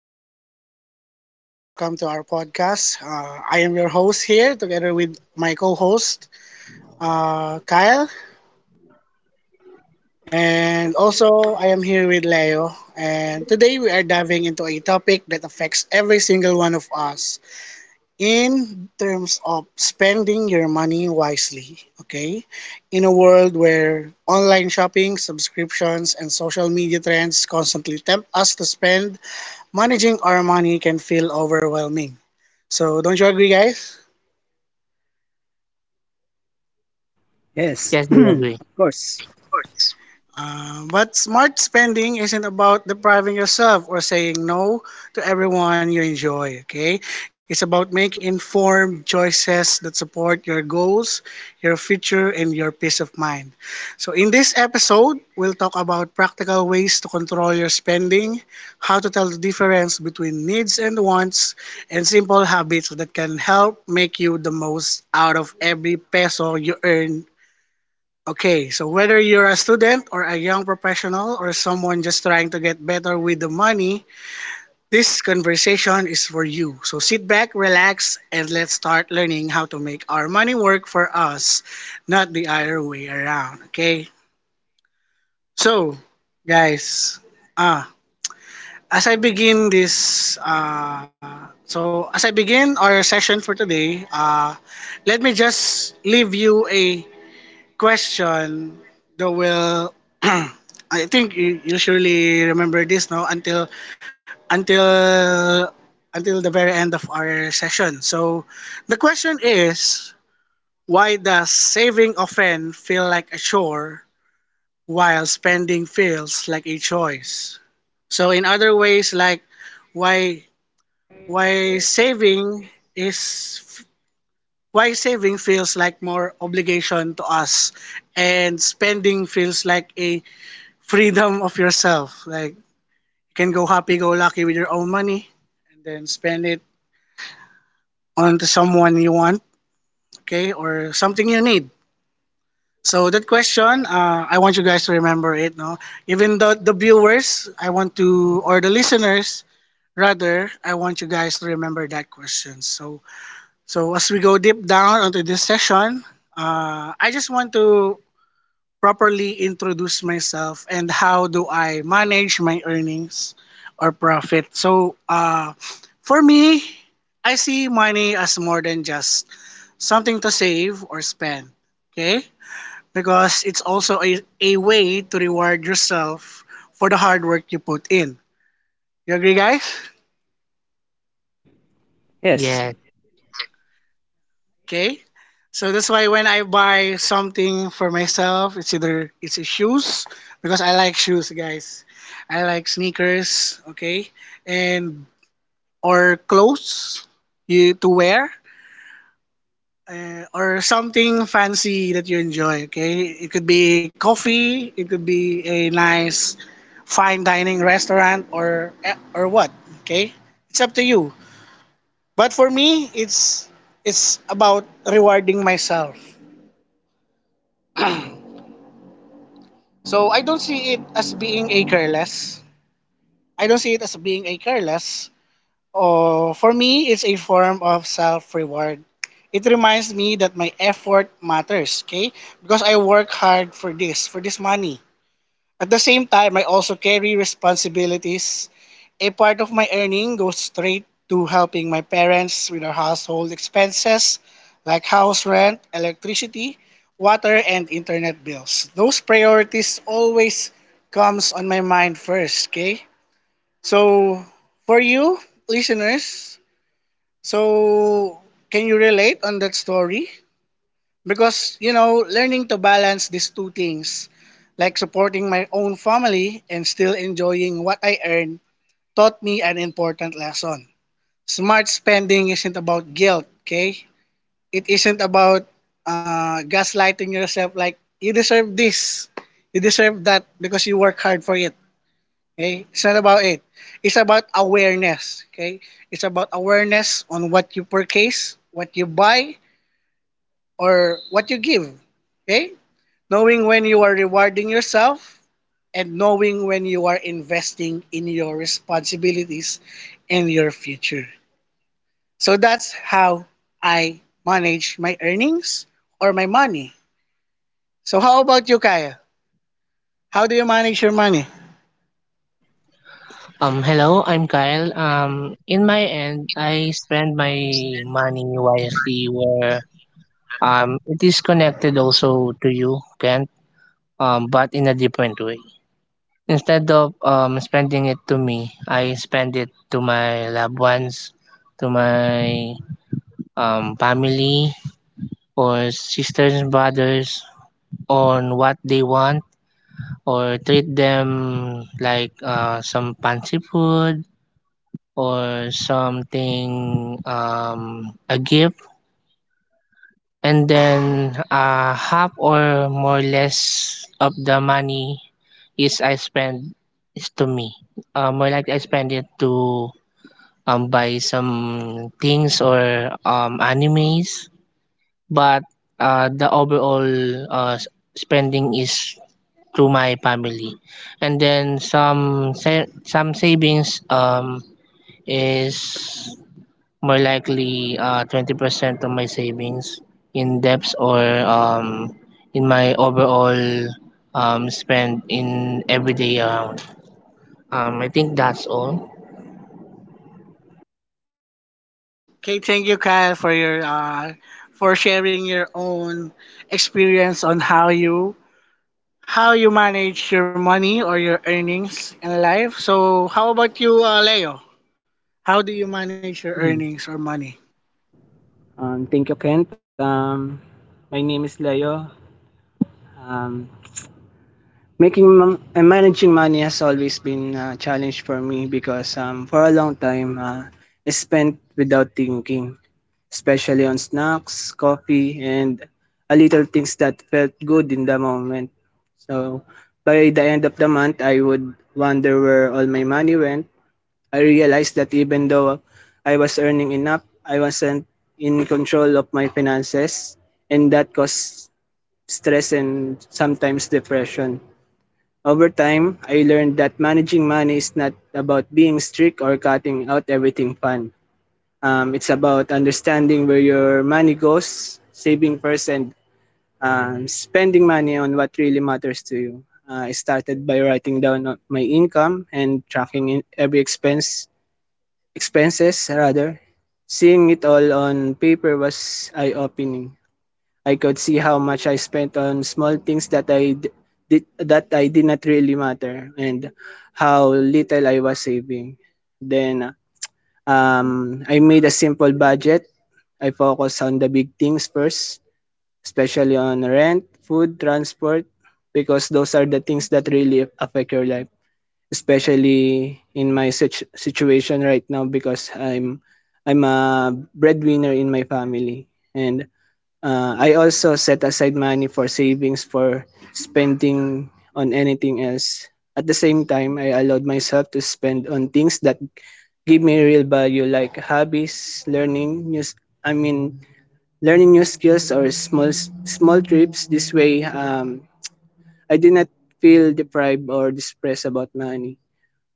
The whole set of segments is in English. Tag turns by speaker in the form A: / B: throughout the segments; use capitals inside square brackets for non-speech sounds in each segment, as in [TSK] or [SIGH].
A: hello, good day, and welcome to our podcast. I am your host here together with my co host, Kyle, and also I am here with Leo. And today we are diving into a topic that affects every single one of us in terms of spending your money wisely. Okay, in a world where online shopping, subscriptions, and social media trends constantly tempt us to spend, managing our money can feel overwhelming. So don't you agree, guys?
B: Yes, [CLEARS THROAT]
C: Yes, we
B: of
C: agree.
B: course.
A: But smart spending isn't about depriving yourself or saying no to everyone you enjoy, okay? It's about making informed choices that support your goals, your future, and your peace of mind. So, in this episode, we'll talk about practical ways to control your spending, how to tell the difference between needs and wants, and simple habits that can help make you the most out of every peso you earn. Okay, so whether you're a student or a young professional or someone just trying to get better with the money, this conversation is for you. So sit back, relax, and let's start learning how to make our money work for us, not the other way around. Okay? So, guys, ah, as I begin our session for today, let me just leave you a question that will [CLEARS THROAT] I think you surely remember this now until until the very end of our session. So the question is, why does saving often feel like a chore while spending feels like a choice? So in other ways, like why why saving is why saving feels like more obligation to us, and spending feels like a freedom of yourself, like you can go happy go lucky with your own money and then spend it on to someone you want, okay, or something you need. So that question, I want you guys to remember it, no, even though the viewers, I want to, or the listeners rather, I want you guys to remember that question. So as we go deep down onto this session, I just want to properly introduce myself and how do I manage my earnings or profit. So, for me, I see money as more than just something to save or spend. Okay? Because it's also a way to reward yourself for the hard work you put in. You agree, guys?
B: Yes.
C: Yes.
A: Okay. So that's why when I buy something for myself, it's either it's a shoes because I like shoes, guys. I like sneakers, okay, and or clothes you to wear, or something fancy that you enjoy. Okay, it could be coffee, it could be a nice fine dining restaurant, or what. Okay, it's up to you. But for me, it's about rewarding myself. So I don't see it as being a careless. I don't see it as being a careless. Oh, for me, it's a form of self-reward. It reminds me that my effort matters, okay? Because I work hard for this money. At the same time, I also carry responsibilities. A part of my earning goes straight to helping my parents with their household expenses like house rent, electricity, water, and internet bills. Those priorities always comes on my mind first, okay? So, for you listeners, so can you relate on that story? Because you know, learning to balance these two things, like supporting my own family and still enjoying what I earn, taught me an important lesson. Smart spending isn't about guilt, okay? It isn't about gaslighting yourself like you deserve this, you deserve that, because you work hard for it, okay? It's not about it. It's about awareness, okay? It's about awareness on what you purchase, what you buy, or what you give, okay? Knowing when you are rewarding yourself, and knowing when you are investing in your responsibilities and your future. So that's how I manage my earnings or my money. So how about you, Kyle? How do you manage your money?
C: Hello, I'm Kyle. In my end, I spend my money wisely where it is connected also to you, Kent. But in a different way. Instead of spending it to me, I spend it to my loved ones, to my family or sisters and brothers on what they want, or treat them like some fancy food or something, a gift, and then half or more less of the money is I spend is to me. More like I spend it to buy some things or animes, but the overall uh s- spending is to my family, and then some savings is more likely, 20% of my savings in debts, or in my overall spend in everyday around. I think that's all.
A: Okay, thank you, Kyle, for your for sharing your own experience on how you manage your money or your earnings in life. So how about you, Leo? How do you manage your
B: Mhm.
A: earnings or money?
B: Thank you, Kent. My name is Leo. Um, managing money has always been a challenge for me because for a long time I spent without thinking, especially on snacks, coffee, and a little things that felt good in the moment. So by the end of the month, I would wonder where all my money went. I realized that even though I was earning enough, I wasn't in control of my finances, and that caused stress and sometimes depression. Over time, I learned that managing money is not about being strict or cutting out everything fun. It's about understanding where your money goes, saving first, and spending money on what really matters to you. I started by writing down my income and tracking in every expense expenses rather. Seeing it all on paper was eye-opening. I could see how much I spent on small things that I did not really matter and how little I was saving. Then I made a simple budget. I focused on the big things first, especially on rent, food, transport because those are the things that really affect your life. Especially in my situation right now because I'm a breadwinner in my family, and I also set aside money for savings for spending on anything else. At the same time, I allowed myself to spend on things that give me real value like hobbies, I mean learning new skills or small trips. This way I did not feel deprived or distressed about money.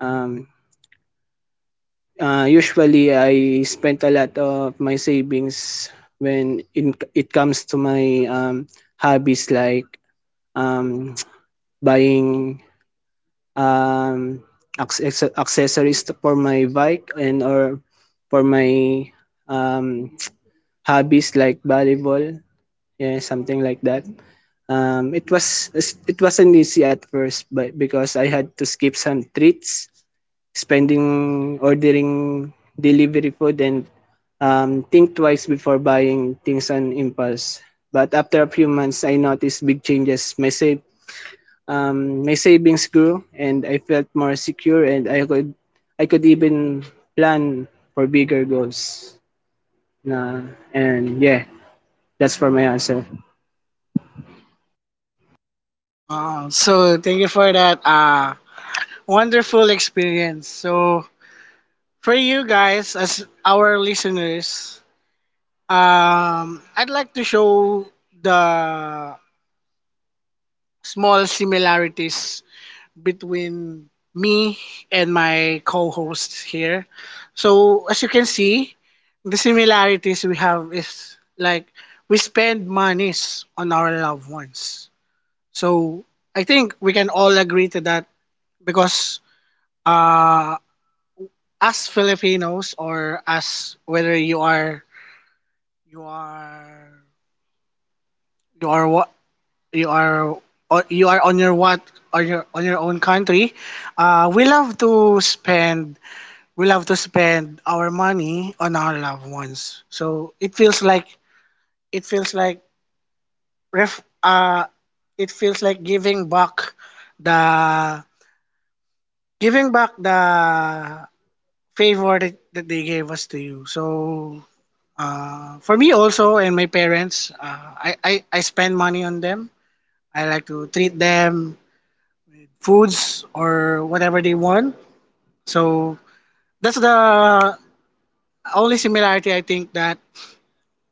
B: Um usually, I spent a lot of my savings when it comes to my hobbies like um, [TSK] buying um, accessories for my bike and or for my um, [TSK] hobbies like volleyball. Yeah, something like that. Um, it was it wasn't easy at first, but because I had to skip some treats, spending ordering delivery food and think twice before buying things on impulse. But after a few months, I noticed big changes. My savings grew, and I felt more secure, and I could even plan for bigger goals. Na, and yeah, that's for my answer.
A: Wow. So thank you for that wonderful experience. So for you guys as our listeners, I'd like to show the small similarities between me and my co-host here. So as you can see, the similarities we have is like we spend monies on our loved ones. So I think we can all agree to that, because uh, as Filipinos, or as, whether you are you are what you are, or you are on your on your own country, uh, we love to spend we love to spend our money on our loved ones. So it feels like ref it feels like giving back the giving back the favor that they gave us to you. So, for me also and my parents, I spend money on them. I like to treat them foods or whatever they want. So that's the only similarity I think that,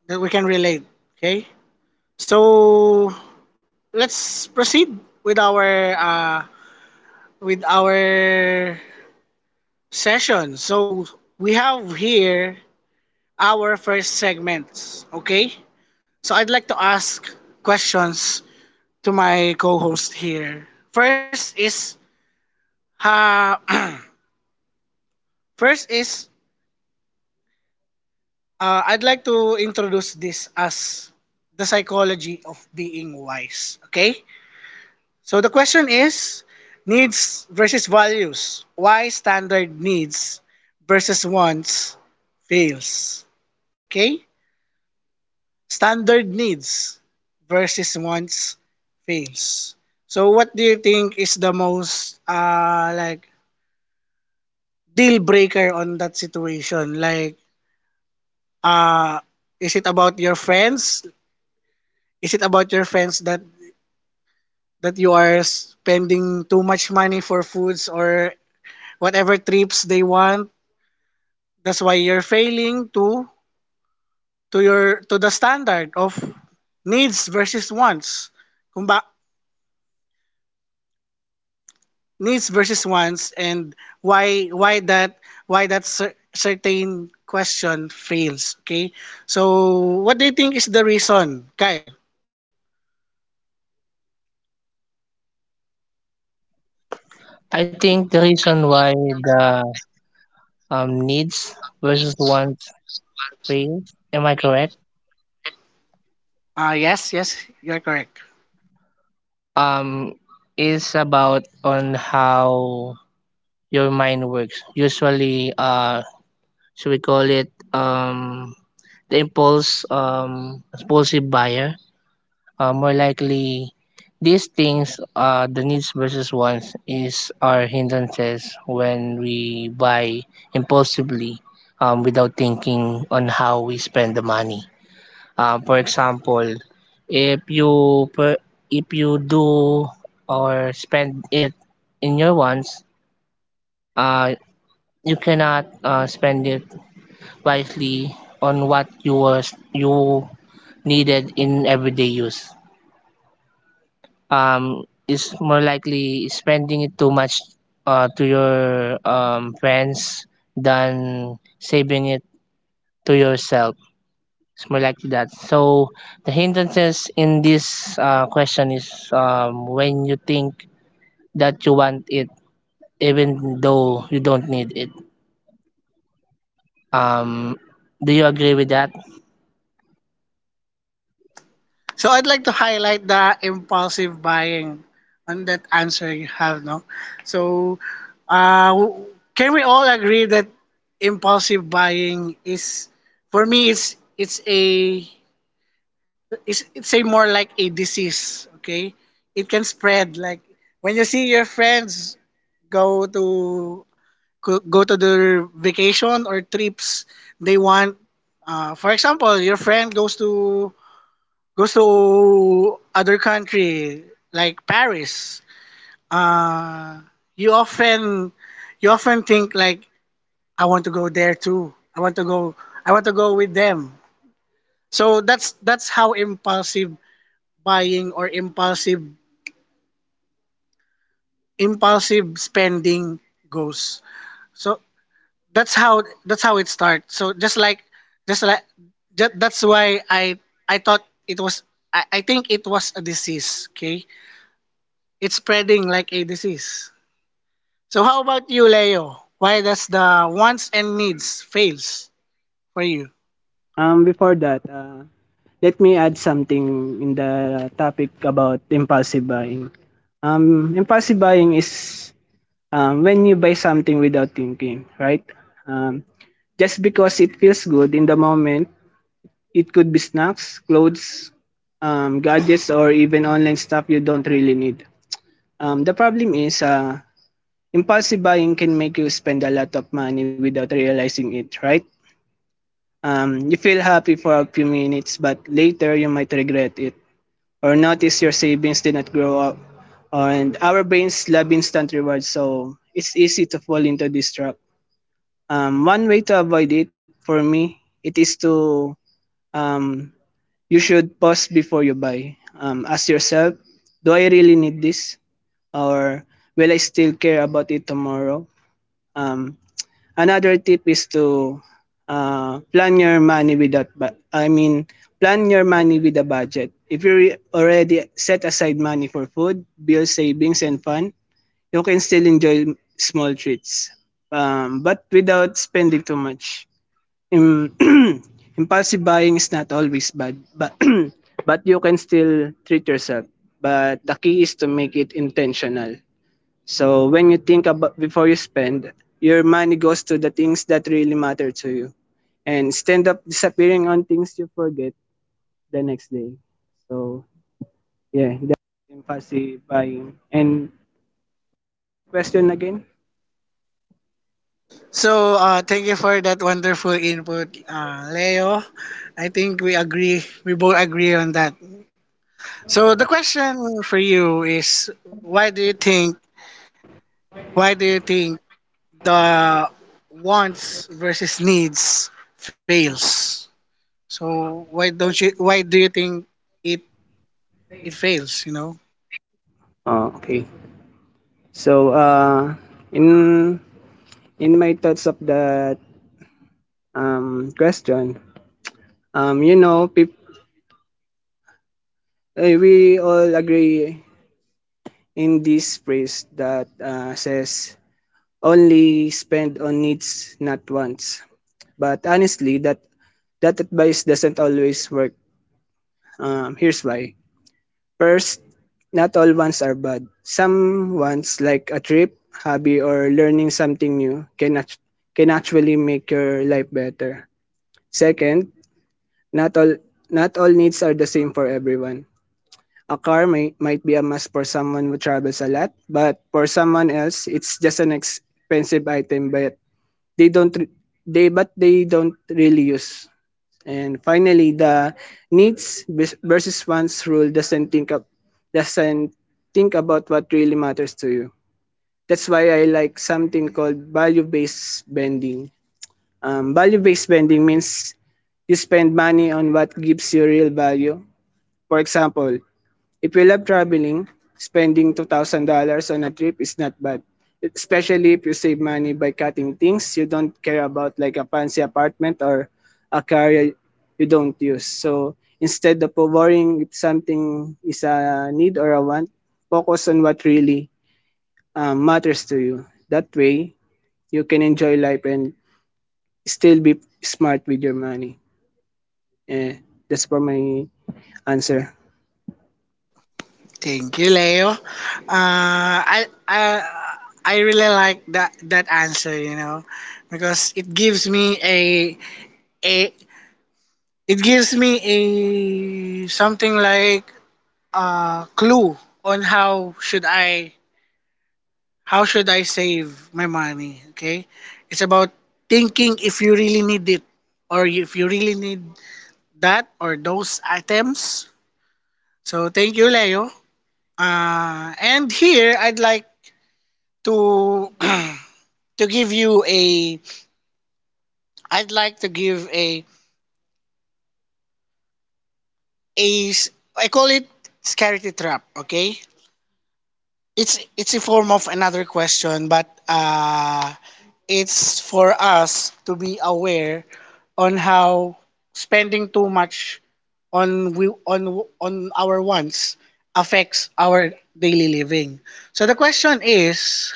A: that we can relate. Okay. So let's proceed with our session. So we have here our first segments. Okay. So I'd like to ask questions to my co-host here. First is uh, [CLEARS THROAT] first is I'd like to introduce this as the psychology of being wise. Okay, so the question is, needs versus values. Why standard needs versus wants fails. Okay, standard needs versus wants fails. So what do you think is the most like deal breaker on that situation? Like, uh, is it about your friends? Is it about your friends that you are spending too much money for foods or whatever trips they want? That's why you're failing to the standard of needs versus wants. Kung ba, needs versus wants and why that certain question fails, okay? So, what do you think is the reason, Kyle?
C: I think the reason why the, needs versus wants phase, am I correct?
A: Yes, yes, you're correct.
C: Um, is about on how your mind works. Usually, should we call it, the impulse impulsive buyer, more likely these things, the needs versus wants is our hindrances when we buy impulsively, without thinking on how we spend the money. For example, if you per, if you do or spend it in your wants, uh, you cannot spend it wisely on what you was you needed in everyday use. Is more likely spending it too much to your, friends than saving it to yourself. It's more likely that. So the hindrances in this, question is, when you think that you want it even though you don't need it. Um, do you agree with that?
A: So I'd like to highlight the impulsive buying on that answer you have, no? So, uh, w- can we all agree that impulsive buying is, for me, it's a more like a disease. Okay, it can spread. Like when you see your friends go to go to their vacation or trips, they want. For example, your friend goes to other country like Paris, uh, you often you often think like, I want to go there too. I want to go. I want to go with them. So that's how impulsive buying, or impulsive spending goes. So that's how it starts. So just like that's why I thought it was I think it was a disease. Okay, it's spreading like a disease. So how about you, Leo? Why does the wants and needs fails for you?
B: Before that, let me add something in the topic about impulsive buying. Impulsive buying is when you buy something without thinking, right? Um, just because it feels good in the moment, it could be snacks, clothes, gadgets, or even online stuff you don't really need. The problem is, impulsive buying can make you spend a lot of money without realizing it, right? You feel happy for a few minutes, but later you might regret it or notice your savings did not grow up. And our brains love instant rewards, so it's easy to fall into this trap. One way to avoid it for me, it is to um, you should pause before you buy. Ask yourself, do I really need this? Or will I still care about it tomorrow? Um, another tip is to uh, plan your money without, I mean, plan your money with a budget. If you already set aside money for food, bills, savings, and fun, you can still enjoy small treats. But without spending too much. Im- [CLEARS THROAT] impulsive buying is not always bad, but [CLEARS THROAT] but you can still treat yourself. But the key is to make it intentional. So when you think about before you spend, your money goes to the things that really matter to you, and stand up disappearing on things you forget the next day. So yeah, that's impulsive buying. And question again?
A: So thank you for that wonderful input, Leo. I think we agree. We both agree on that. So the question for you is, why do you think? Why do you think the wants versus needs fails? So why don't you? Why do you think it it fails?
B: Oh, okay. So in in my thoughts of question, you know, we all agree in this phrase that says only spend on needs, not wants. But honestly, that advice doesn't always work. Here's why. First, not all wants are bad. Some wants, like a trip, hobby, or learning something new, can actually make your life better. Second, not all not all needs are the same for everyone. A car may might be a must for someone who travels a lot, but for someone else, it's just an expensive item. They don't re- but they don't really use. And finally, the versus wants rule doesn't think about what really matters to you. That's why I like something called value-based spending. Value-based spending means you spend money on what gives you real value. For example, if you love traveling, spending $2,000 on a trip is not bad, especially if you save money by cutting things you don't care about, like a fancy apartment or a car you don't use. So instead of worrying if something is a need or a want, focus on what really matters to you. That way, you can enjoy life and still be smart with your money. Eh, that's for my answer.
A: Thank you, Leo. Uh, I, I I really like that answer, because it gives me a a something like a clue on how should I save my money. Okay, it's about thinking if you really need it, or if you really need that or those items. So thank you, Leo. And here I'd like to [CLEARS THROAT] to give you a I'd like to give a s- I call it scarcity trap, okay? It's a form of another question, but it's for us to be aware on how spending too much on we on our wants affects our daily living. So the question is,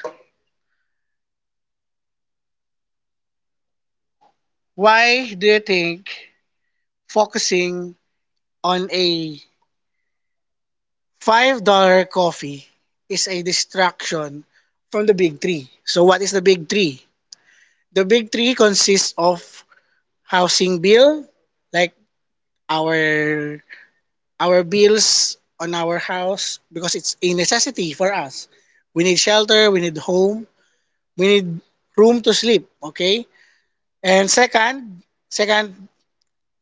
A: why do you think focusing on a $5 coffee is a distraction from the big three? So what is the big three? The big three consists of housing bill, like our our bills on our house, because it's a necessity for us. We need shelter, we need home, we need room to sleep, okay? And second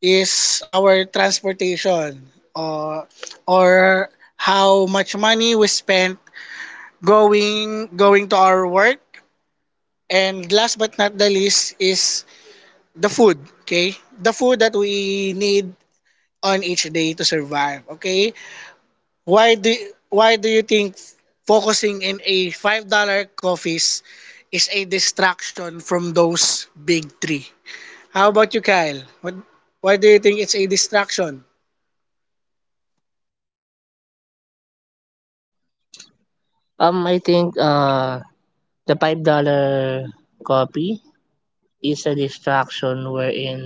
A: is our transportation, or or how much money we spent going to our work, and last but not the least is the food. Okay, the food that we need on each day to survive. Okay, why do why do you think focusing in a $5 coffees is a distraction from those big three? How about you, Kyle? What Why do you think it's a distraction?
C: I think the $5 copy is a distraction, wherein,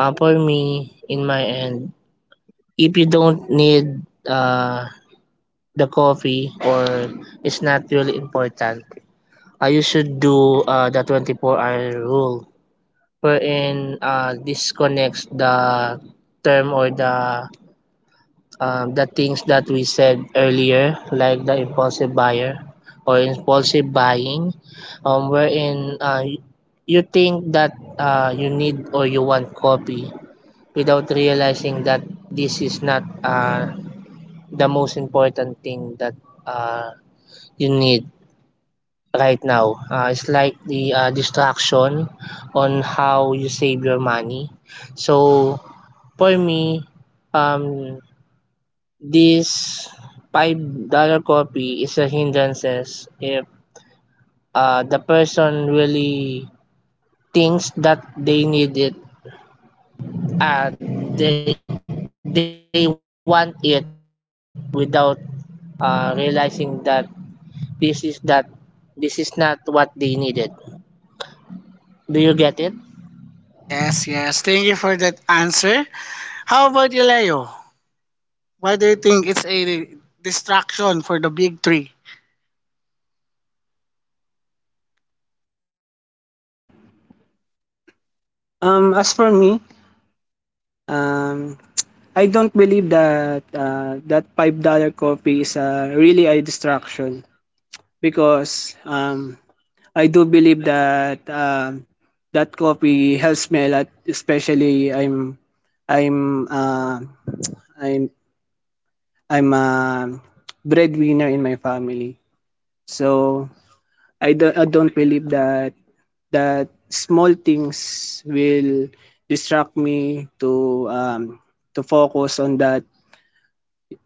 C: for me in my end, if you don't need the coffee or it's not really important, you should do the 24-hour rule, wherein disconnects the term, or the, the things that we said earlier, like the impulsive buyer or impulsive buying, wherein you think that you need or you want coffee without realizing that this is not the most important thing that uh, you need right now. Is like the distraction on how you save your money. So for me, um, this $5 copy is a hindrances if the person really thinks that they need it, and they want it without realizing that this is that this is not what they needed. Do you get it?
A: Yes, yes, thank you for that answer. How about you, Leo? Why do you think it's a distraction for the big three?
B: As for me, um, I don't believe that five dollar coffee is really a distraction because I do believe that that coffee helps me a lot. Especially I'm uh, I'm I'm a breadwinner in my family, so I don't believe that that small things will distract me to um, to focus on that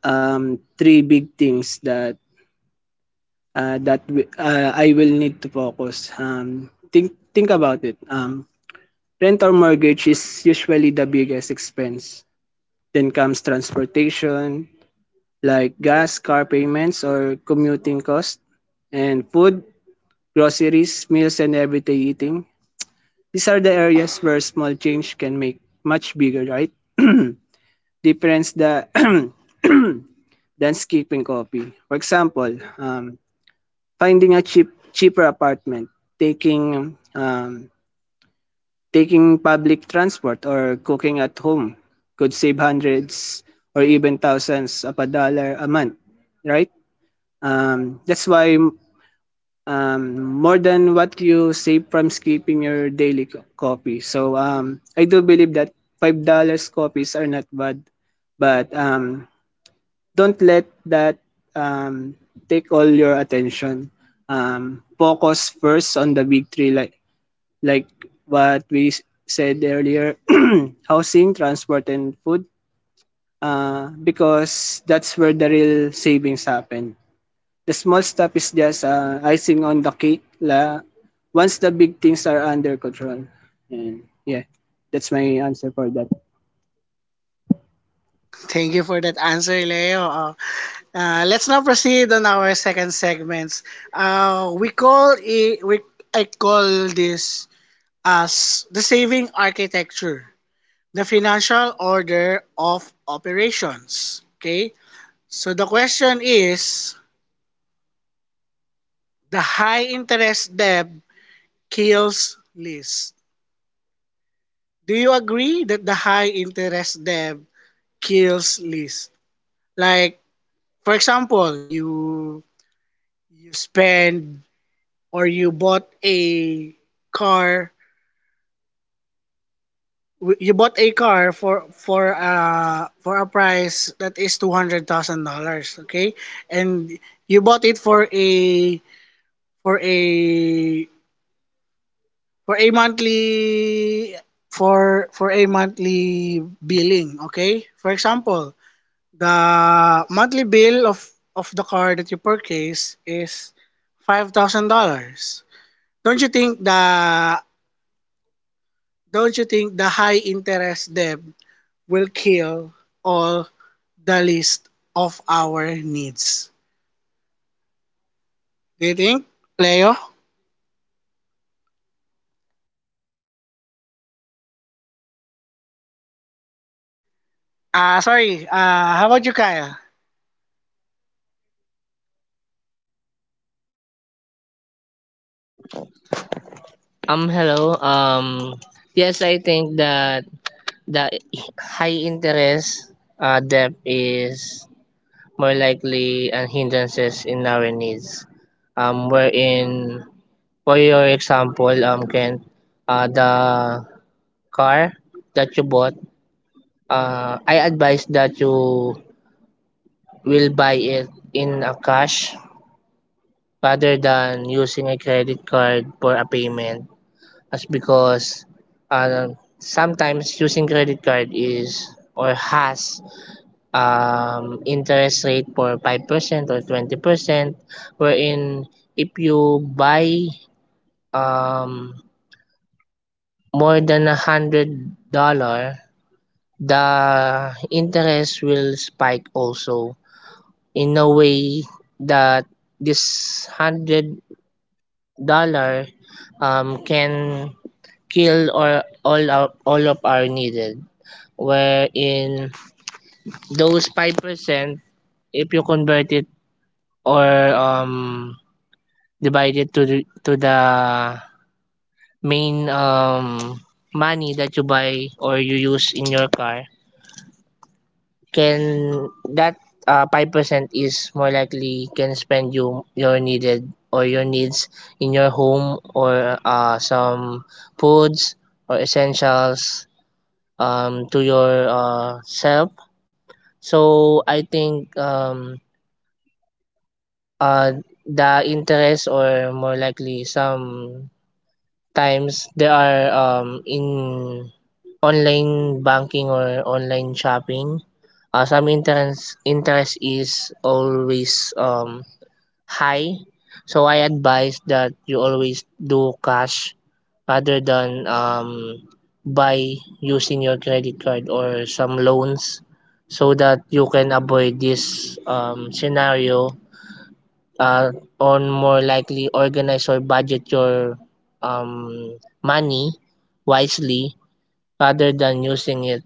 B: three big things that I will need to focus. Um, think about it. Rent or mortgage is usually the biggest expense. Then comes transportation, like gas, car payments, or commuting costs, and food, groceries, meals, and everyday eating. These are the areas where small change can make much bigger, right? [CLEARS THROAT] Difference the [CLEARS THROAT] than skipping coffee. For example, finding a cheaper apartment, taking um, taking public transport or cooking at home could save hundreds or even thousands of a dollar a month, right? That's why um, more than what you save from skipping your daily coffee. So I do believe that five dollars coffees are not bad, but don't let that um, take all your attention. Focus first on the big three, like like what we said earlier, [CLEARS THROAT] housing, transport, and food, because that's where the real savings happen. The small stuff is just icing on the cake. Once the big things are under control, and yeah, that's my answer for that.
A: Thank you for that answer, Leo. Let's now proceed on our second segments. We call it, we, I call this as the saving architecture, the financial order of operations. Okay? So the question is, the high interest debt kills list. Do you agree that the high interest debt kills list? Like, for example, you spend, or you bought a car, for for a price that is $200,000. Okay. And you bought it for a, for a for a monthly for a monthly billing. Okay, for example, the monthly bill of the car that you purchase is $5,000. don't you think the Don't you think the high interest debt will kill all the list of our needs? Do you think, Leo? Sorry. How about you, Kaya?
C: Hello. Yes, I think that the high interest debt is more likely an hindrances in our needs. Wherein, for your example, Ken, the car that you bought, I advise that you will buy it in a cash rather than using a credit card for a payment. That's because sometimes using credit card is or has, interest rate for 5% or 20%, wherein if you buy um, more than $100, the interest will spike also in a way that this $100 can kill or all of our needed, wherein those 5%, if you convert it or um, divide it to the main, money that you buy or you use in your car, can that 5% is more likely can spend you your needed or your needs in your home or some foods or essentials, to your self. So I think, uh, the interest, or more likely sometimes there are, in online banking or online shopping, some interest is always, high. So I advise that you always do cash rather than, by using your credit card or some loans, so that you can avoid this, scenario, uh, on more likely organize or budget your money wisely rather than using it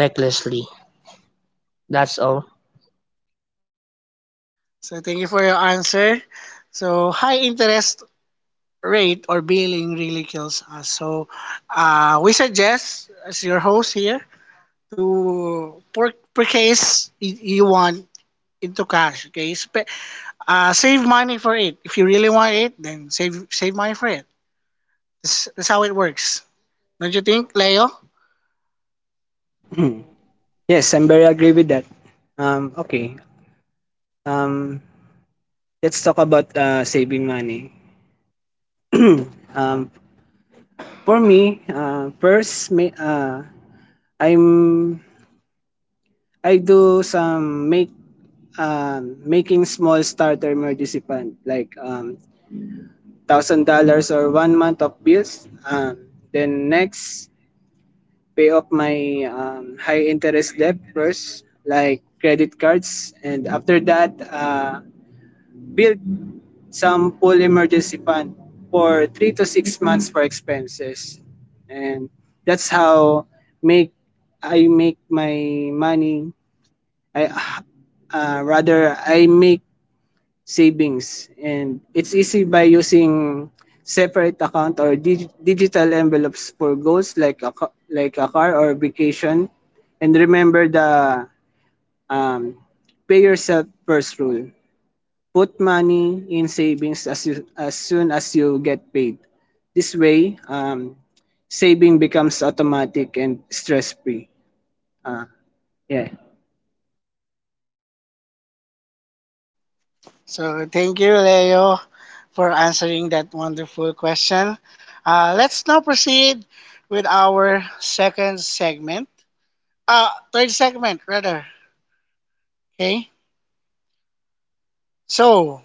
C: recklessly. That's all.
A: So thank you for your answer. So high interest rate or billing really kills us. So, we suggest, as your host here, to per case, you want into cash. Okay. Save money for it. If you really want it, then save money for it. That's how it works. Don't you think, Leo?
B: [CLEARS THROAT] Yes, I'm very agree with that. Okay. Um, let's talk about saving money. Um, for me, first, ma- I'm I do some making small starter emergency fund like thousand dollars or one month of bills. Then next, pay off my high interest debt first, like credit cards, and after that, build some full emergency fund for three to six months for expenses, and that's how make make my money. I uh, rather i make savings, and it's easy by using separate account or digital envelopes for goals like a car or vacation. And remember the um, pay yourself first rule. Put money in savings as, you, as soon as you get paid. This way, saving becomes automatic and stress-free. Uh, yeah.
A: So thank you, Leo, for answering that wonderful question. Let's now proceed with our second segment. Third segment, rather. Okay. So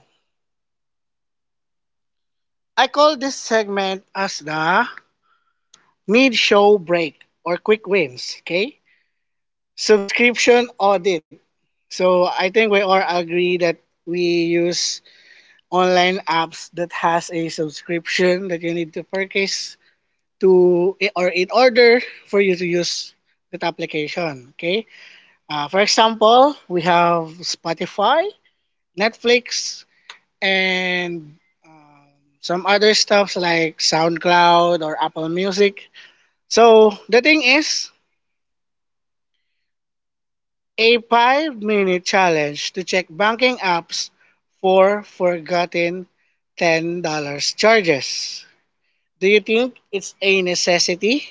A: I call this segment as the mid-show break or quick wins. Okay. Subscription audit. So I think we all agree that we use online apps that has a subscription that you need to purchase to or in order for you to use that application. Okay. For example, we have Spotify, Netflix, and um, some other stuffs like SoundCloud or Apple Music. So the thing is a 5-minute challenge to check banking apps for forgotten $10 charges. Do you think it's a necessity?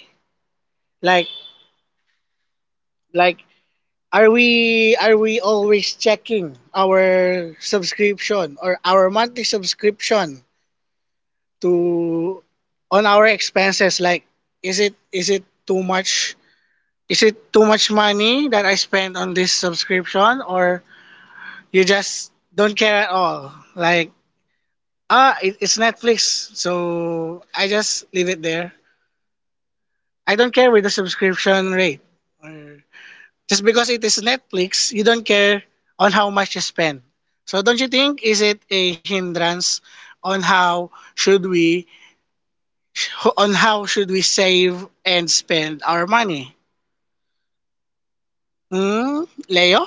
A: Like like, are we always checking our subscription or our monthly subscription to on our expenses? Like, is it is it too much is it too much money that I spend on this subscription? Or you just don't care at all, like, ah, it's Netflix, so I just leave it there. I don't care with the subscription rate, or. Just because it is Netflix, you don't care on how much you spend. So don't you think, is it a hindrance on how should we on how should we save and spend our money? Hmm, Leo?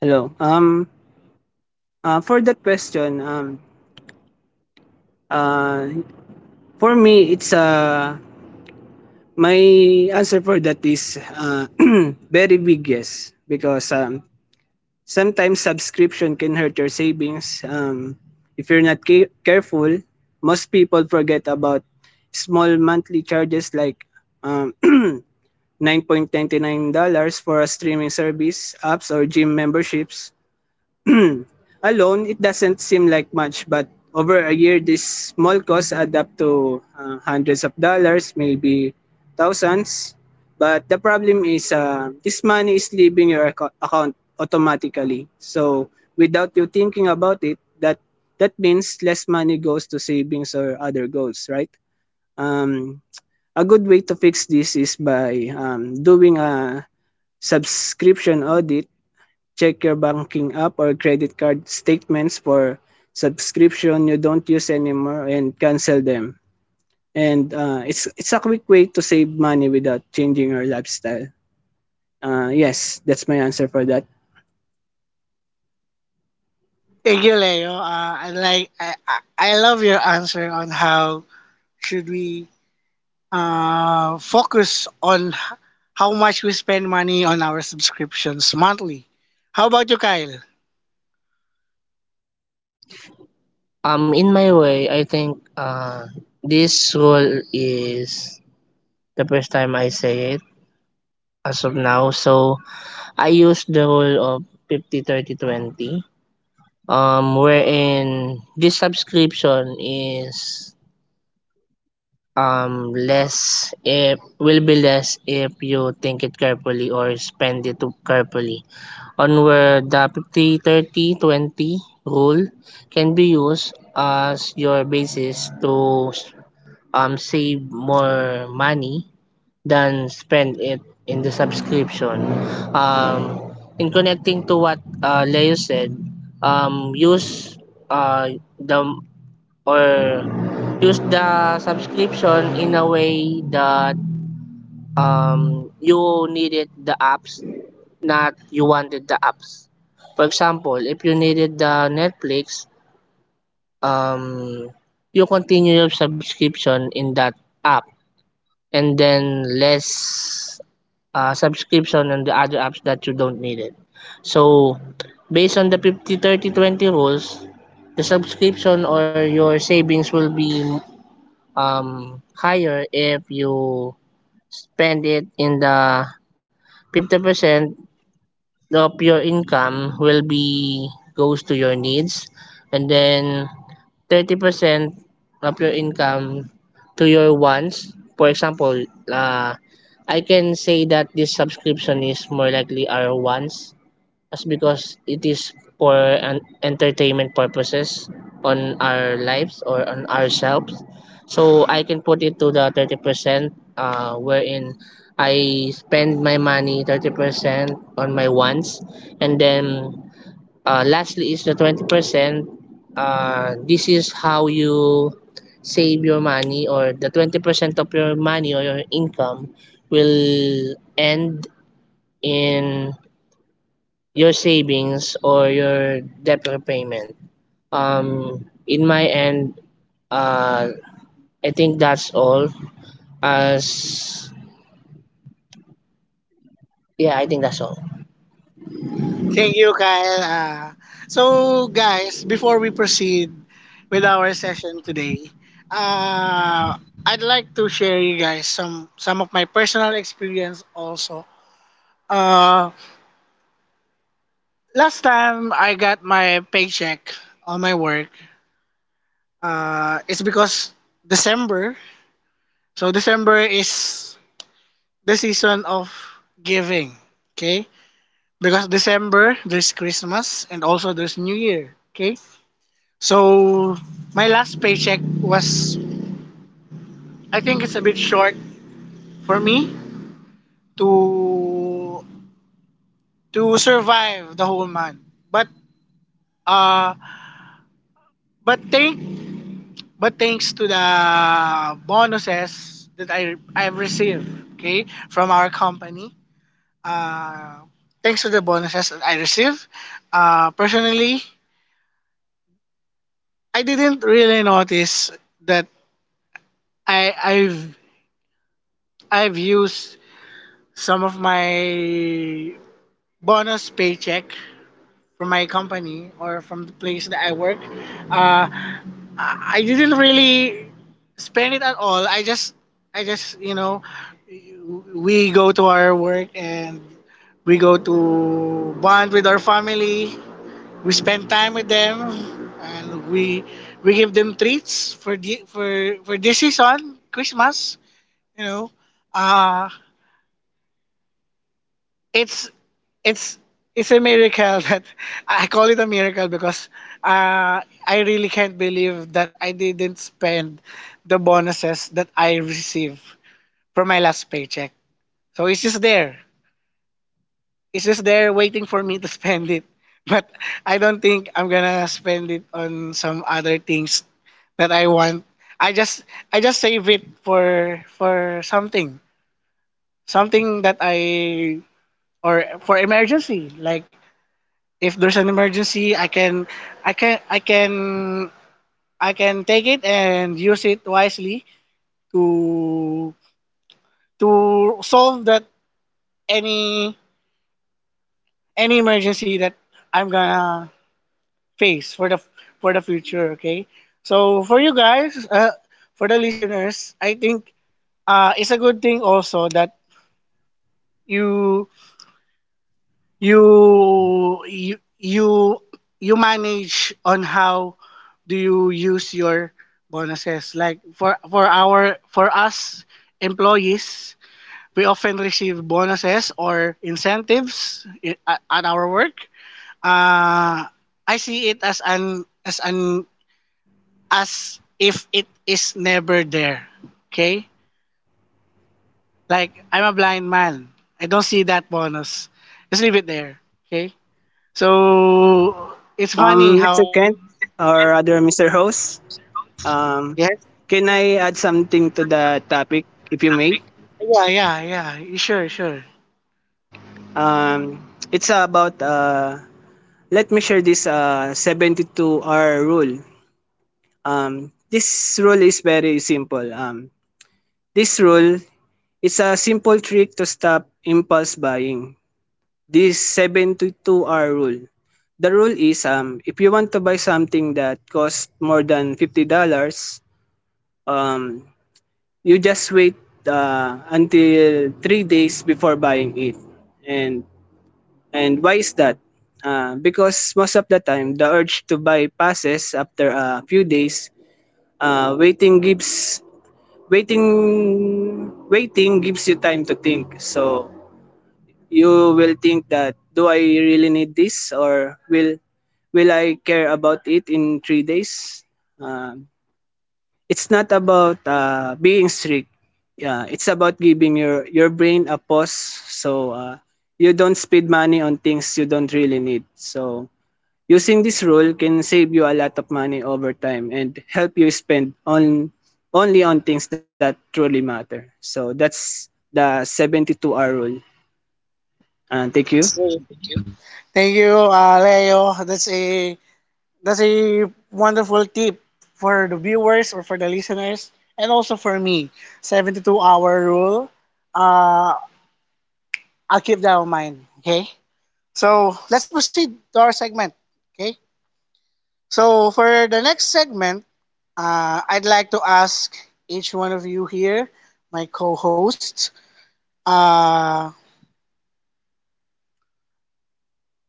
B: Hello. For that question, uh, for me, it's my answer for that is [CLEARS THROAT] very big yes because sometimes subscription can hurt your savings if you're not careful. Most people forget about small monthly charges like um, [CLEARS THROAT] $9.99 for a streaming service apps or gym memberships. [CLEARS THROAT] Alone, it doesn't seem like much, but over a year, these small costs add up to hundreds of dollars, maybe thousands. But the problem is, this money is leaving your account automatically. So, without you thinking about it, that means less money goes to savings or other goals, right? Um, a good way to fix this is by doing a subscription audit. Check your banking app or credit card statements for subscription you don't use anymore and cancel them. And uh, it's a quick way to save money without changing your lifestyle. Yes, that's my answer for that.
A: Thank you, Leo. I I love your answer on how should we, focus on how much we spend money on our subscriptions monthly. How about you, Kyle?
C: In my way, I think this rule is the first time I say it as of now. So I use the rule of 50, 30, 20. Wherein this subscription is less, if will be less if you think it carefully or spend it too carefully, on where the 50 30 20 rule can be used as your basis to save more money than spend it in the subscription, um in connecting to what Leo said. Use uh the or use the subscription in a way that, you needed the apps, not you wanted the apps. For example, if you needed the Netflix, um, you continue your subscription in that app, and then less subscription on the other apps that you don't need it. So, based on the 50 30 20 rules, the subscription or your savings will be higher if you spend it in the 50% of your income will be goes to your needs, and then 30% of your income to your wants. For example uh, I can say that this subscription is more likely our wants as because it is for an entertainment purposes on our lives or on ourselves. So I can put it to the 30%, wherein I spend my money 30% on my wants. And then lastly is the 20%. This is how you save your money, or the 20% of your money or your income will end in your savings or your debt repayment. In my end, uh, I think that's all. As Yeah, I think that's all.
A: Thank you, Kyle. So, guys, before we proceed with our session today, I'd like to share you guys some of my personal experience also. Uh, Last time I got my paycheck on my work, it's because December. So December is the season of giving. Okay, because December there's Christmas and also there's New Year. Okay. So my last paycheck was, I think, it's a bit short for me to to survive the whole month. But, uh but thank but thanks to the bonuses that I've received, okay, from our company. Uh Thanks to the bonuses that I received. Personally, I didn't really notice that I I've I've used some of my bonus paycheck from my company or from the place that I work. Uh, I didn't really spend it at all. I just, you know, we go to our work and we go to bond with our family. We spend time with them, and we give them treats for the for this season, Christmas. You know, uh, it's it's it's a miracle [LAUGHS] that — I call it a miracle because, I really can't believe that I didn't spend the bonuses that I received from my last paycheck. So it's just there. It's just there waiting for me to [LAUGHS] spend it. But I don't think I'm gonna spend it on some other things that I want. I just I just save it for something. Something that I or for emergency. Like, if there's an emergency, I can I can I can take it and use it wisely to to solve that, any any emergency that I'm gonna face for the future. Okay. So for you guys, for the listeners, I think, it's a good thing also that you you you you you manage on how do you use your bonuses. Like, for our for us employees, we often receive bonuses or incentives at our work. uh I see it as an as an, as if it is never there. Okay. Like, I'm a blind man. I don't see that bonus. Just leave it there. Okay. So it's funny how
B: Mr.
A: I —
B: Kent or other Mr. Host, um,
A: yes,
B: can I add something to the topic, if you may?
A: yeah, yeah, yeah, sure, sure.
B: Um, it's about let me share this 72 hour rule. This rule is very simple. This rule is a simple trick to stop impulse buying. This 72 hour rule. The rule is if you want to buy something that costs more than $50, um you just wait until 3 days before buying it. And and why is that? Because most of the time the urge to buy passes after a few days. Waiting gives waiting waiting gives you time to think. So you will think that do I really need this, or will I care about it in three days? Um, it's not about being strict. Yeah, it's about giving your brain a pause, so you don't spend money on things you don't really need. So using this rule can save you a lot of money over time and help you spend on only on things that truly matter. So that's the 72 hour rule. And thank you.
A: Sure. Thank you, Leo. That's a wonderful tip for the viewers or for the listeners, and also for me. 72-hour rule. Uh, I'll keep that in mind. Okay. So let's proceed to our segment. Okay. So for the next segment, I'd like to ask each one of you here, my co-hosts. uh,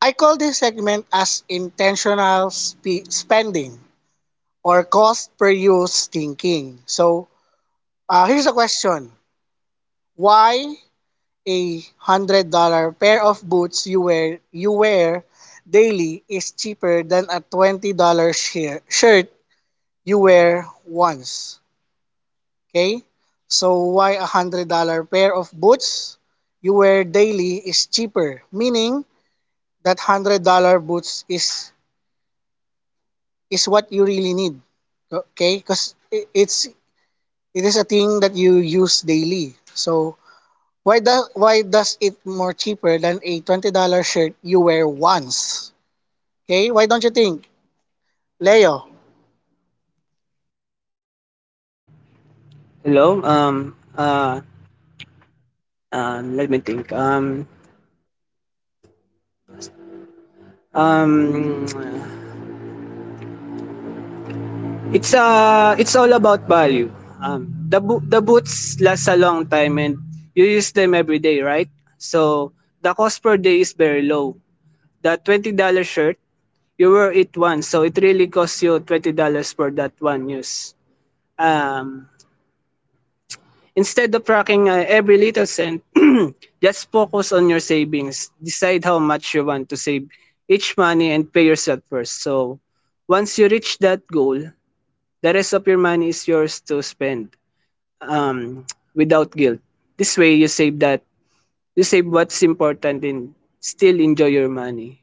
A: I call this segment as intentional spending, or cost per use thinking. So, here's a question: Why $100 pair of boots you wear — daily is cheaper than a $20 shirt you wear once? Okay, so why $100 pair of boots you wear daily is cheaper, meaning that $100 boots is what you really need. Okay? Because it's it is a thing that you use daily. So why does it more cheaper than a $20 shirt you wear once? Okay? Why don't you think, Leo?
B: Hello. Um. Um. Let me think. Um. Um. It's all about value. The the boots last a long time and you use them every day, right? So the cost per day is very low. The twenty dollar shirt you wear it once, so it really costs you twenty dollars for that one use. Um. Instead of tracking every little cent, [CLEARS THROAT] just focus on your savings. Decide how much you want to save each money and pay yourself first. So, once you reach that goal, the rest of your money is yours to spend um, without guilt. This way, you save that, you save what's important, and still enjoy your money.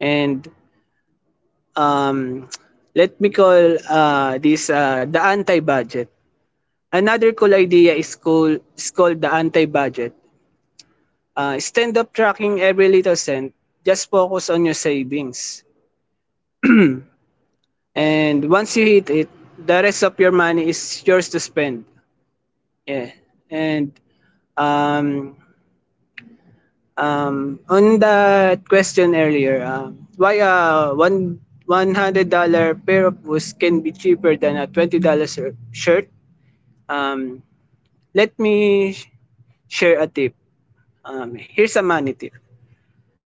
B: And um, let me call this the anti-budget. Another cool idea is called the anti-budget. Stand up tracking every little cent. Just focus on your savings. [CLEARS THROAT] And once you hit it, the rest of your money is yours to spend. Yeah. And um, um, on that question earlier, why a one hundred dollar pair of boots can be cheaper than a twenty dollar shirt? Um, let me share a tip. Here's a money tip.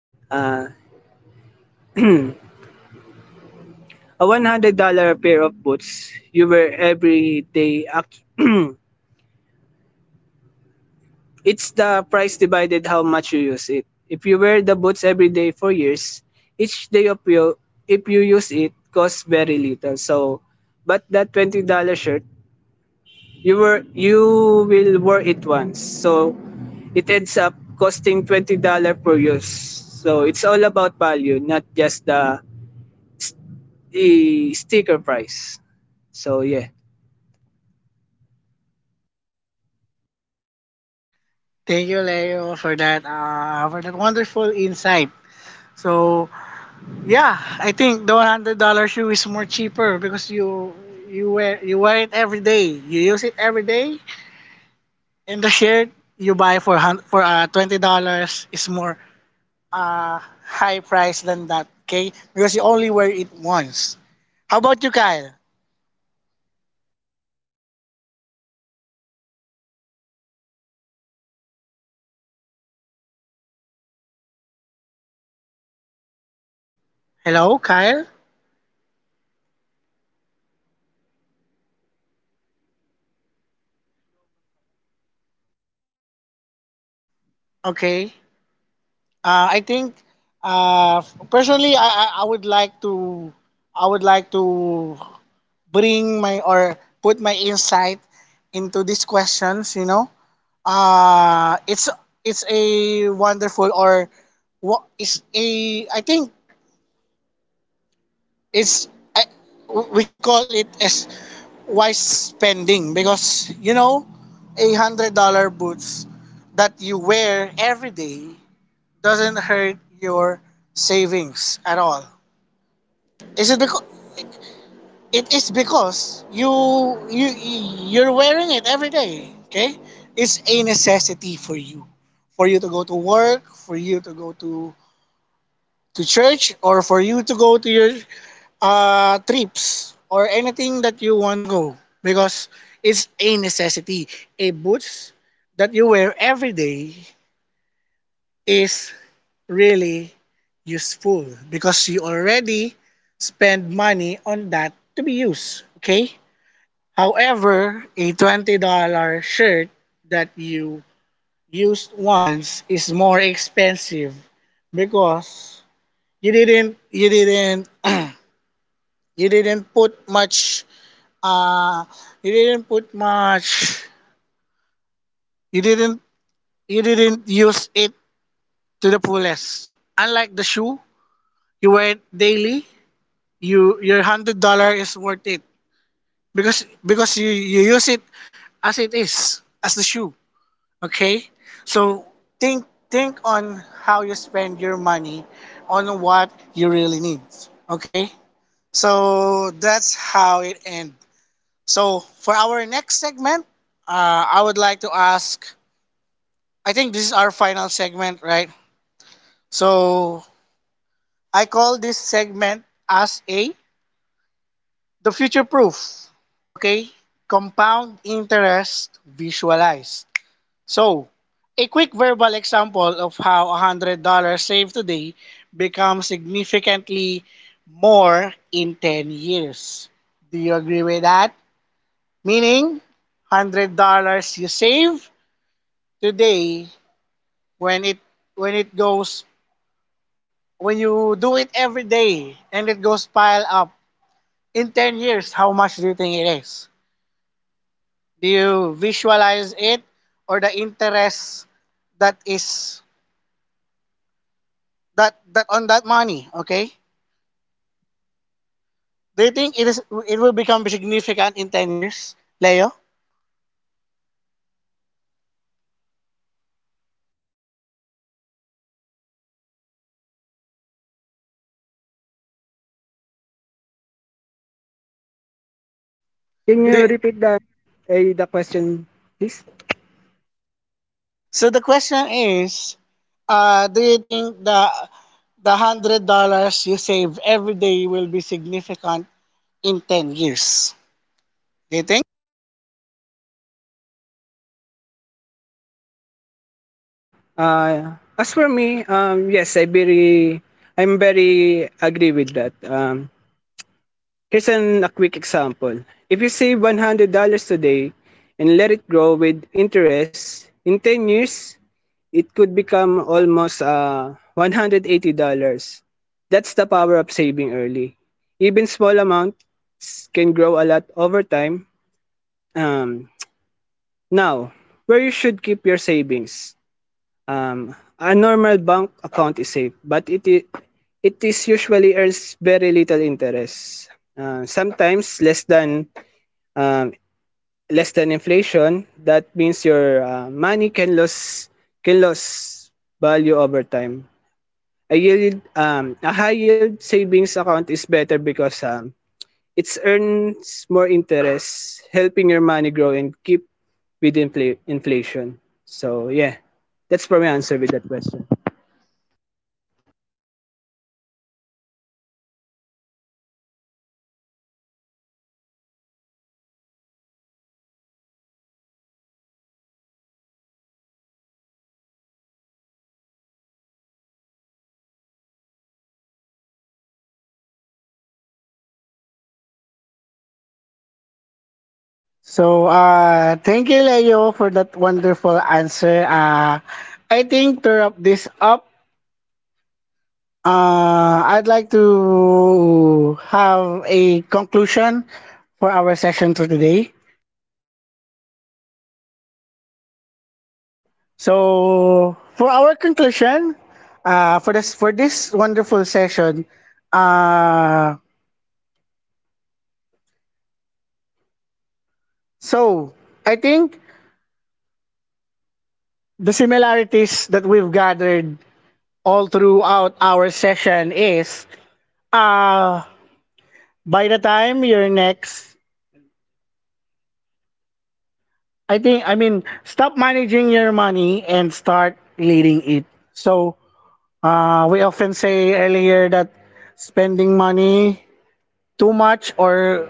B: Uh, [CLEARS THROAT] a $100 pair of boots you wear every day. [CLEARS THROAT] It's the price divided how much you use it. If you wear the boots every day for years, each day of you if you use it costs very little. So but that $20 shirt you will wear it once, so it ends up costing $20 per use. So it's all about value, not just st- the sticker price. So yeah.
A: Thank you, Leo, for that, wonderful insight. So yeah, I think the $100 shoe is more cheaper because you wear — it every day. You use it every day, and the shirt you buy for, $20 is more, uh, high price than that. Okay? Because you only wear it once. How about you, Kyle? Hello, Kyle? Okay. I think, uh, personally, I would like to — I would like to bring my, or put my insight into these questions. You know, uh, it's it's a wonderful, or what is a, I think it's, I, we can call it as wise spending. Because, $100 boots that you wear every day doesn't hurt your savings at all. Is it because It is because you you're wearing it every day. Okay. It's a necessity for you, to go to work, for you to go to church, or for you to go to your, trips, or anything that you want to go. Because it's a necessity. A boots that you wear every day is really useful because you already spend money on that to be used. Okay? However, a $20 shirt that you used once is more expensive because you didn't [CLEARS THROAT] You didn't put much. Uh, you didn't put much. You didn't. You didn't use it to the fullest. Unlike the shoe, you wear daily. Your $100 is worth it because, you use it as it is, as the shoe. Okay, so think on how you spend your money on what you really need. Okay. So that's how it ends. So, for our next segment, I would like to ask I think this is our final segment, right? So, I call this segment as a the future proof. Okay? Compound interest visualized. So, a quick verbal example of how $100 saved today becomes significantly more in 10 years. Do you agree with that? Meaning, $100 you save today, when it — goes — when you do it every day and it goes pile up in 10 years, how much do you think it is? Do you visualize it, or the interest that is that on that money? Okay. Do you think it is — it will become significant in 10 years? Leo?
B: Can you
A: do,
B: repeat that? The question, please.
A: so the question is, do you think the $100 you save every day will be significant in 10 years they
B: As for me, yes, I'm very agree with that. Here's a quick example. If you save $100 today and let it grow with interest, in 10 years, it could become almost $180. That's the power of saving early. Even small amounts can grow a lot over time. Um, Now, where you should keep your savings. A normal bank account is safe, but it is usually earns very little interest. Sometimes less than um, less than inflation. That means your money can lose value over time. A high yield savings account is better because it earns more interest, helping your money grow and keep with inflation. So yeah, that's probably my answer with that question. So, thank you, Leo, for that wonderful answer. I think to wrap this up, I'd like to have a conclusion for our session for today. So, for our conclusion, for this wonderful session, uh, so I think the similarities that we've gathered all throughout our session is uh by the time you're next, I mean, stop managing your money and start leading it. So we often say earlier that spending money too much or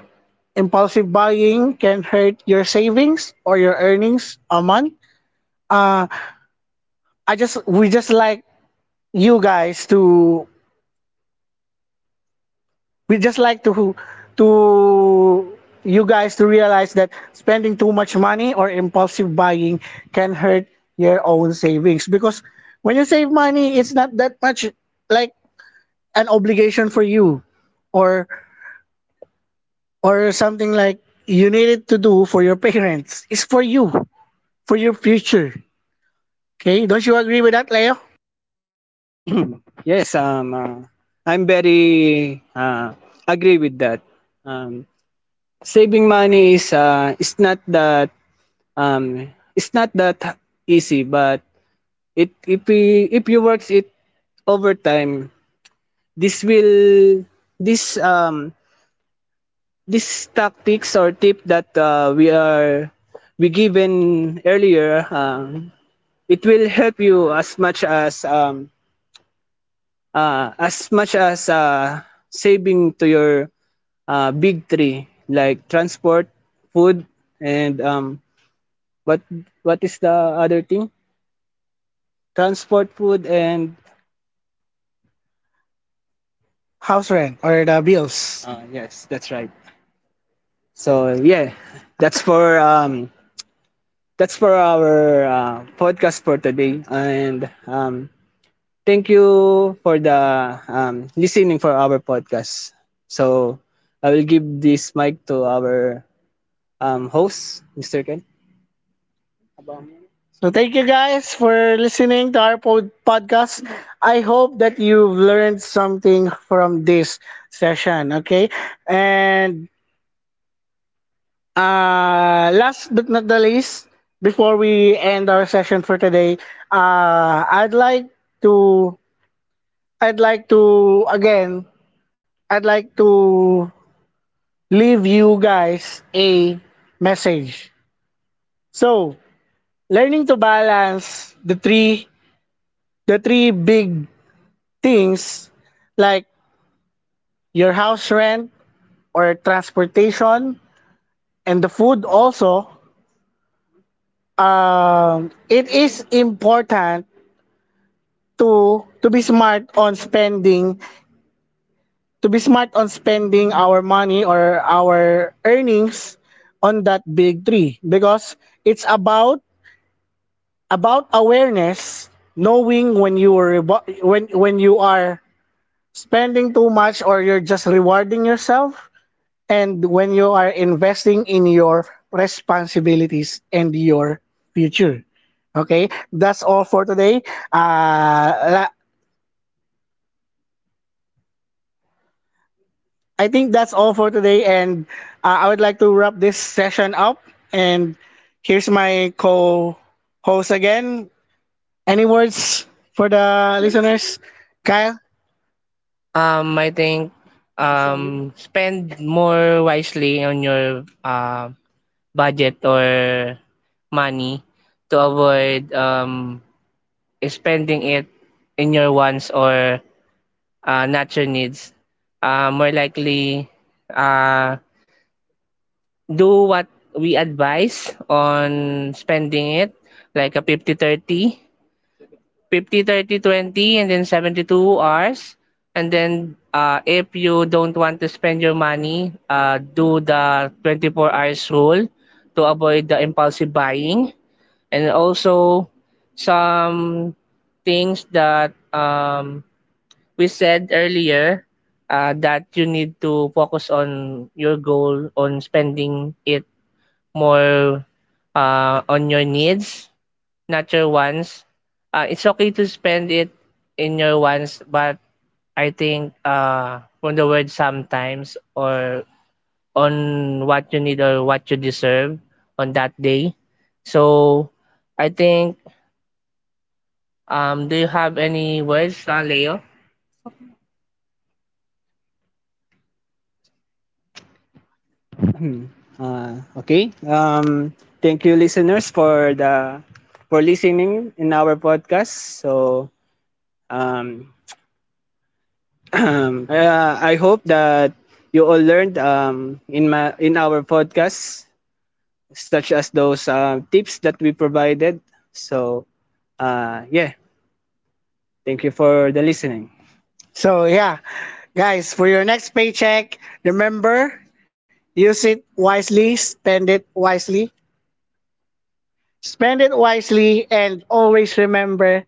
B: impulsive buying can hurt your savings or your earnings a month. Uh I just we just like you guys to we just like to to you guys to realize that spending too much money or impulsive buying can hurt your own savings, because when you save money, it's not that much like an obligation for you, or or something like you need it to do for your parents, it's for you, for your future. Okay, don't you agree with that, Leo? [CLEARS THROAT] Yes, I'm very agree with that. Um, saving money is it's um not that easy, but if we if you works it over time, this will this um this tactics or tip that we are we given earlier, it will help you as much as much as saving to your big three, like transport, food, and but what is the other thing? Transport, food, and house rent, or the bills. Yes, that's right. So yeah, that's for um that's for our podcast for today. And thank you for the listening for our podcast. So I will give this mic to our host, Mr. Ken. So thank you guys for listening to our podcast. I hope that you've learned something from this session, okay? And last but not the least, before we end our session for today, uh, I'd like to I'd like to again I'd like to leave you guys a message. So, learning to balance the three big things, like your house rent, or transportation, and the food also, it is important to be smart on spending, to be smart on spending our money or our earnings on that big three, because it's about about awareness, knowing when when you are spending too much, or you're just rewarding yourself, and when you are investing in your responsibilities and your future. Okay, that's all for today. Uh, la- I think that's all for today, and I would like to wrap this session up. And here's my co-host again. Any words for the listeners, Kyle? I think spend more wisely on your budget or money, to avoid spending it in your wants or natural needs. More likely, uh, do what we advise on spending it, like a 50/30/20, and then 72 hours. And then, if you don't want to spend your money, do the 24 hours rule to avoid the impulsive buying. And also some things that we said earlier, that you need to focus on your goal on spending it more on your needs, not your wants. It's okay to spend it in your wants, but i think from the word sometimes, or on what you need or what you deserve on that day. So i think do you have any words, Leo? [CLEARS THROAT] Okay. Thank you, listeners, for the for listening in our podcast. So um, [CLEARS THROAT] I hope that you all learned um, in my in our podcast, such as those tips that we provided. So yeah, thank you for the listening. So yeah, guys, for your next paycheck, remember, use it wisely, spend it wisely. Spend it wisely, and always remember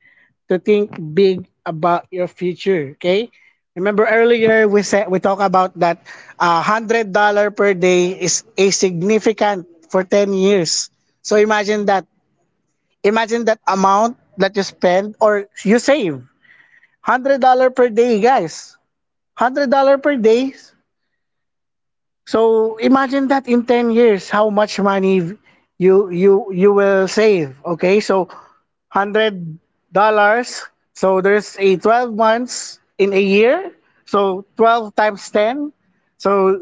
B: to think big about your future, okay? Remember earlier we said we talked about that $100 per day is a significant for 10 years. So imagine that. Imagine that amount that you spend or you save. $100 per day, guys. $100 per day. So imagine that in 10 years how much money you will save, okay? So $100, so there's a 12 months in a year. So 12 times 10. So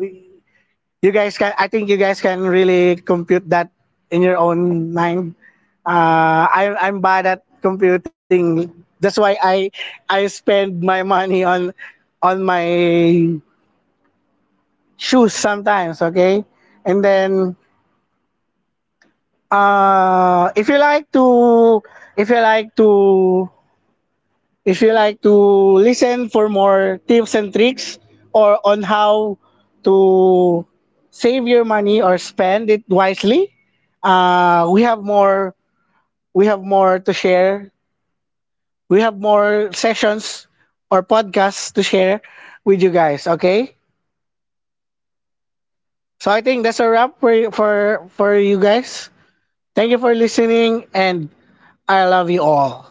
B: you guys can I think you guys can really compute that in your own mind. I'm bad at computing. That's why I spend my money on my shoes sometimes, okay? And then uh, if you like to if you like to if you like to listen for more tips and tricks, or on how to save your money or spend it wisely, uh, we have more we have more to share, we have more sessions or podcasts to share with you guys, okay? So i think that's a wrap for you guys. Thank you for listening, and I love you all.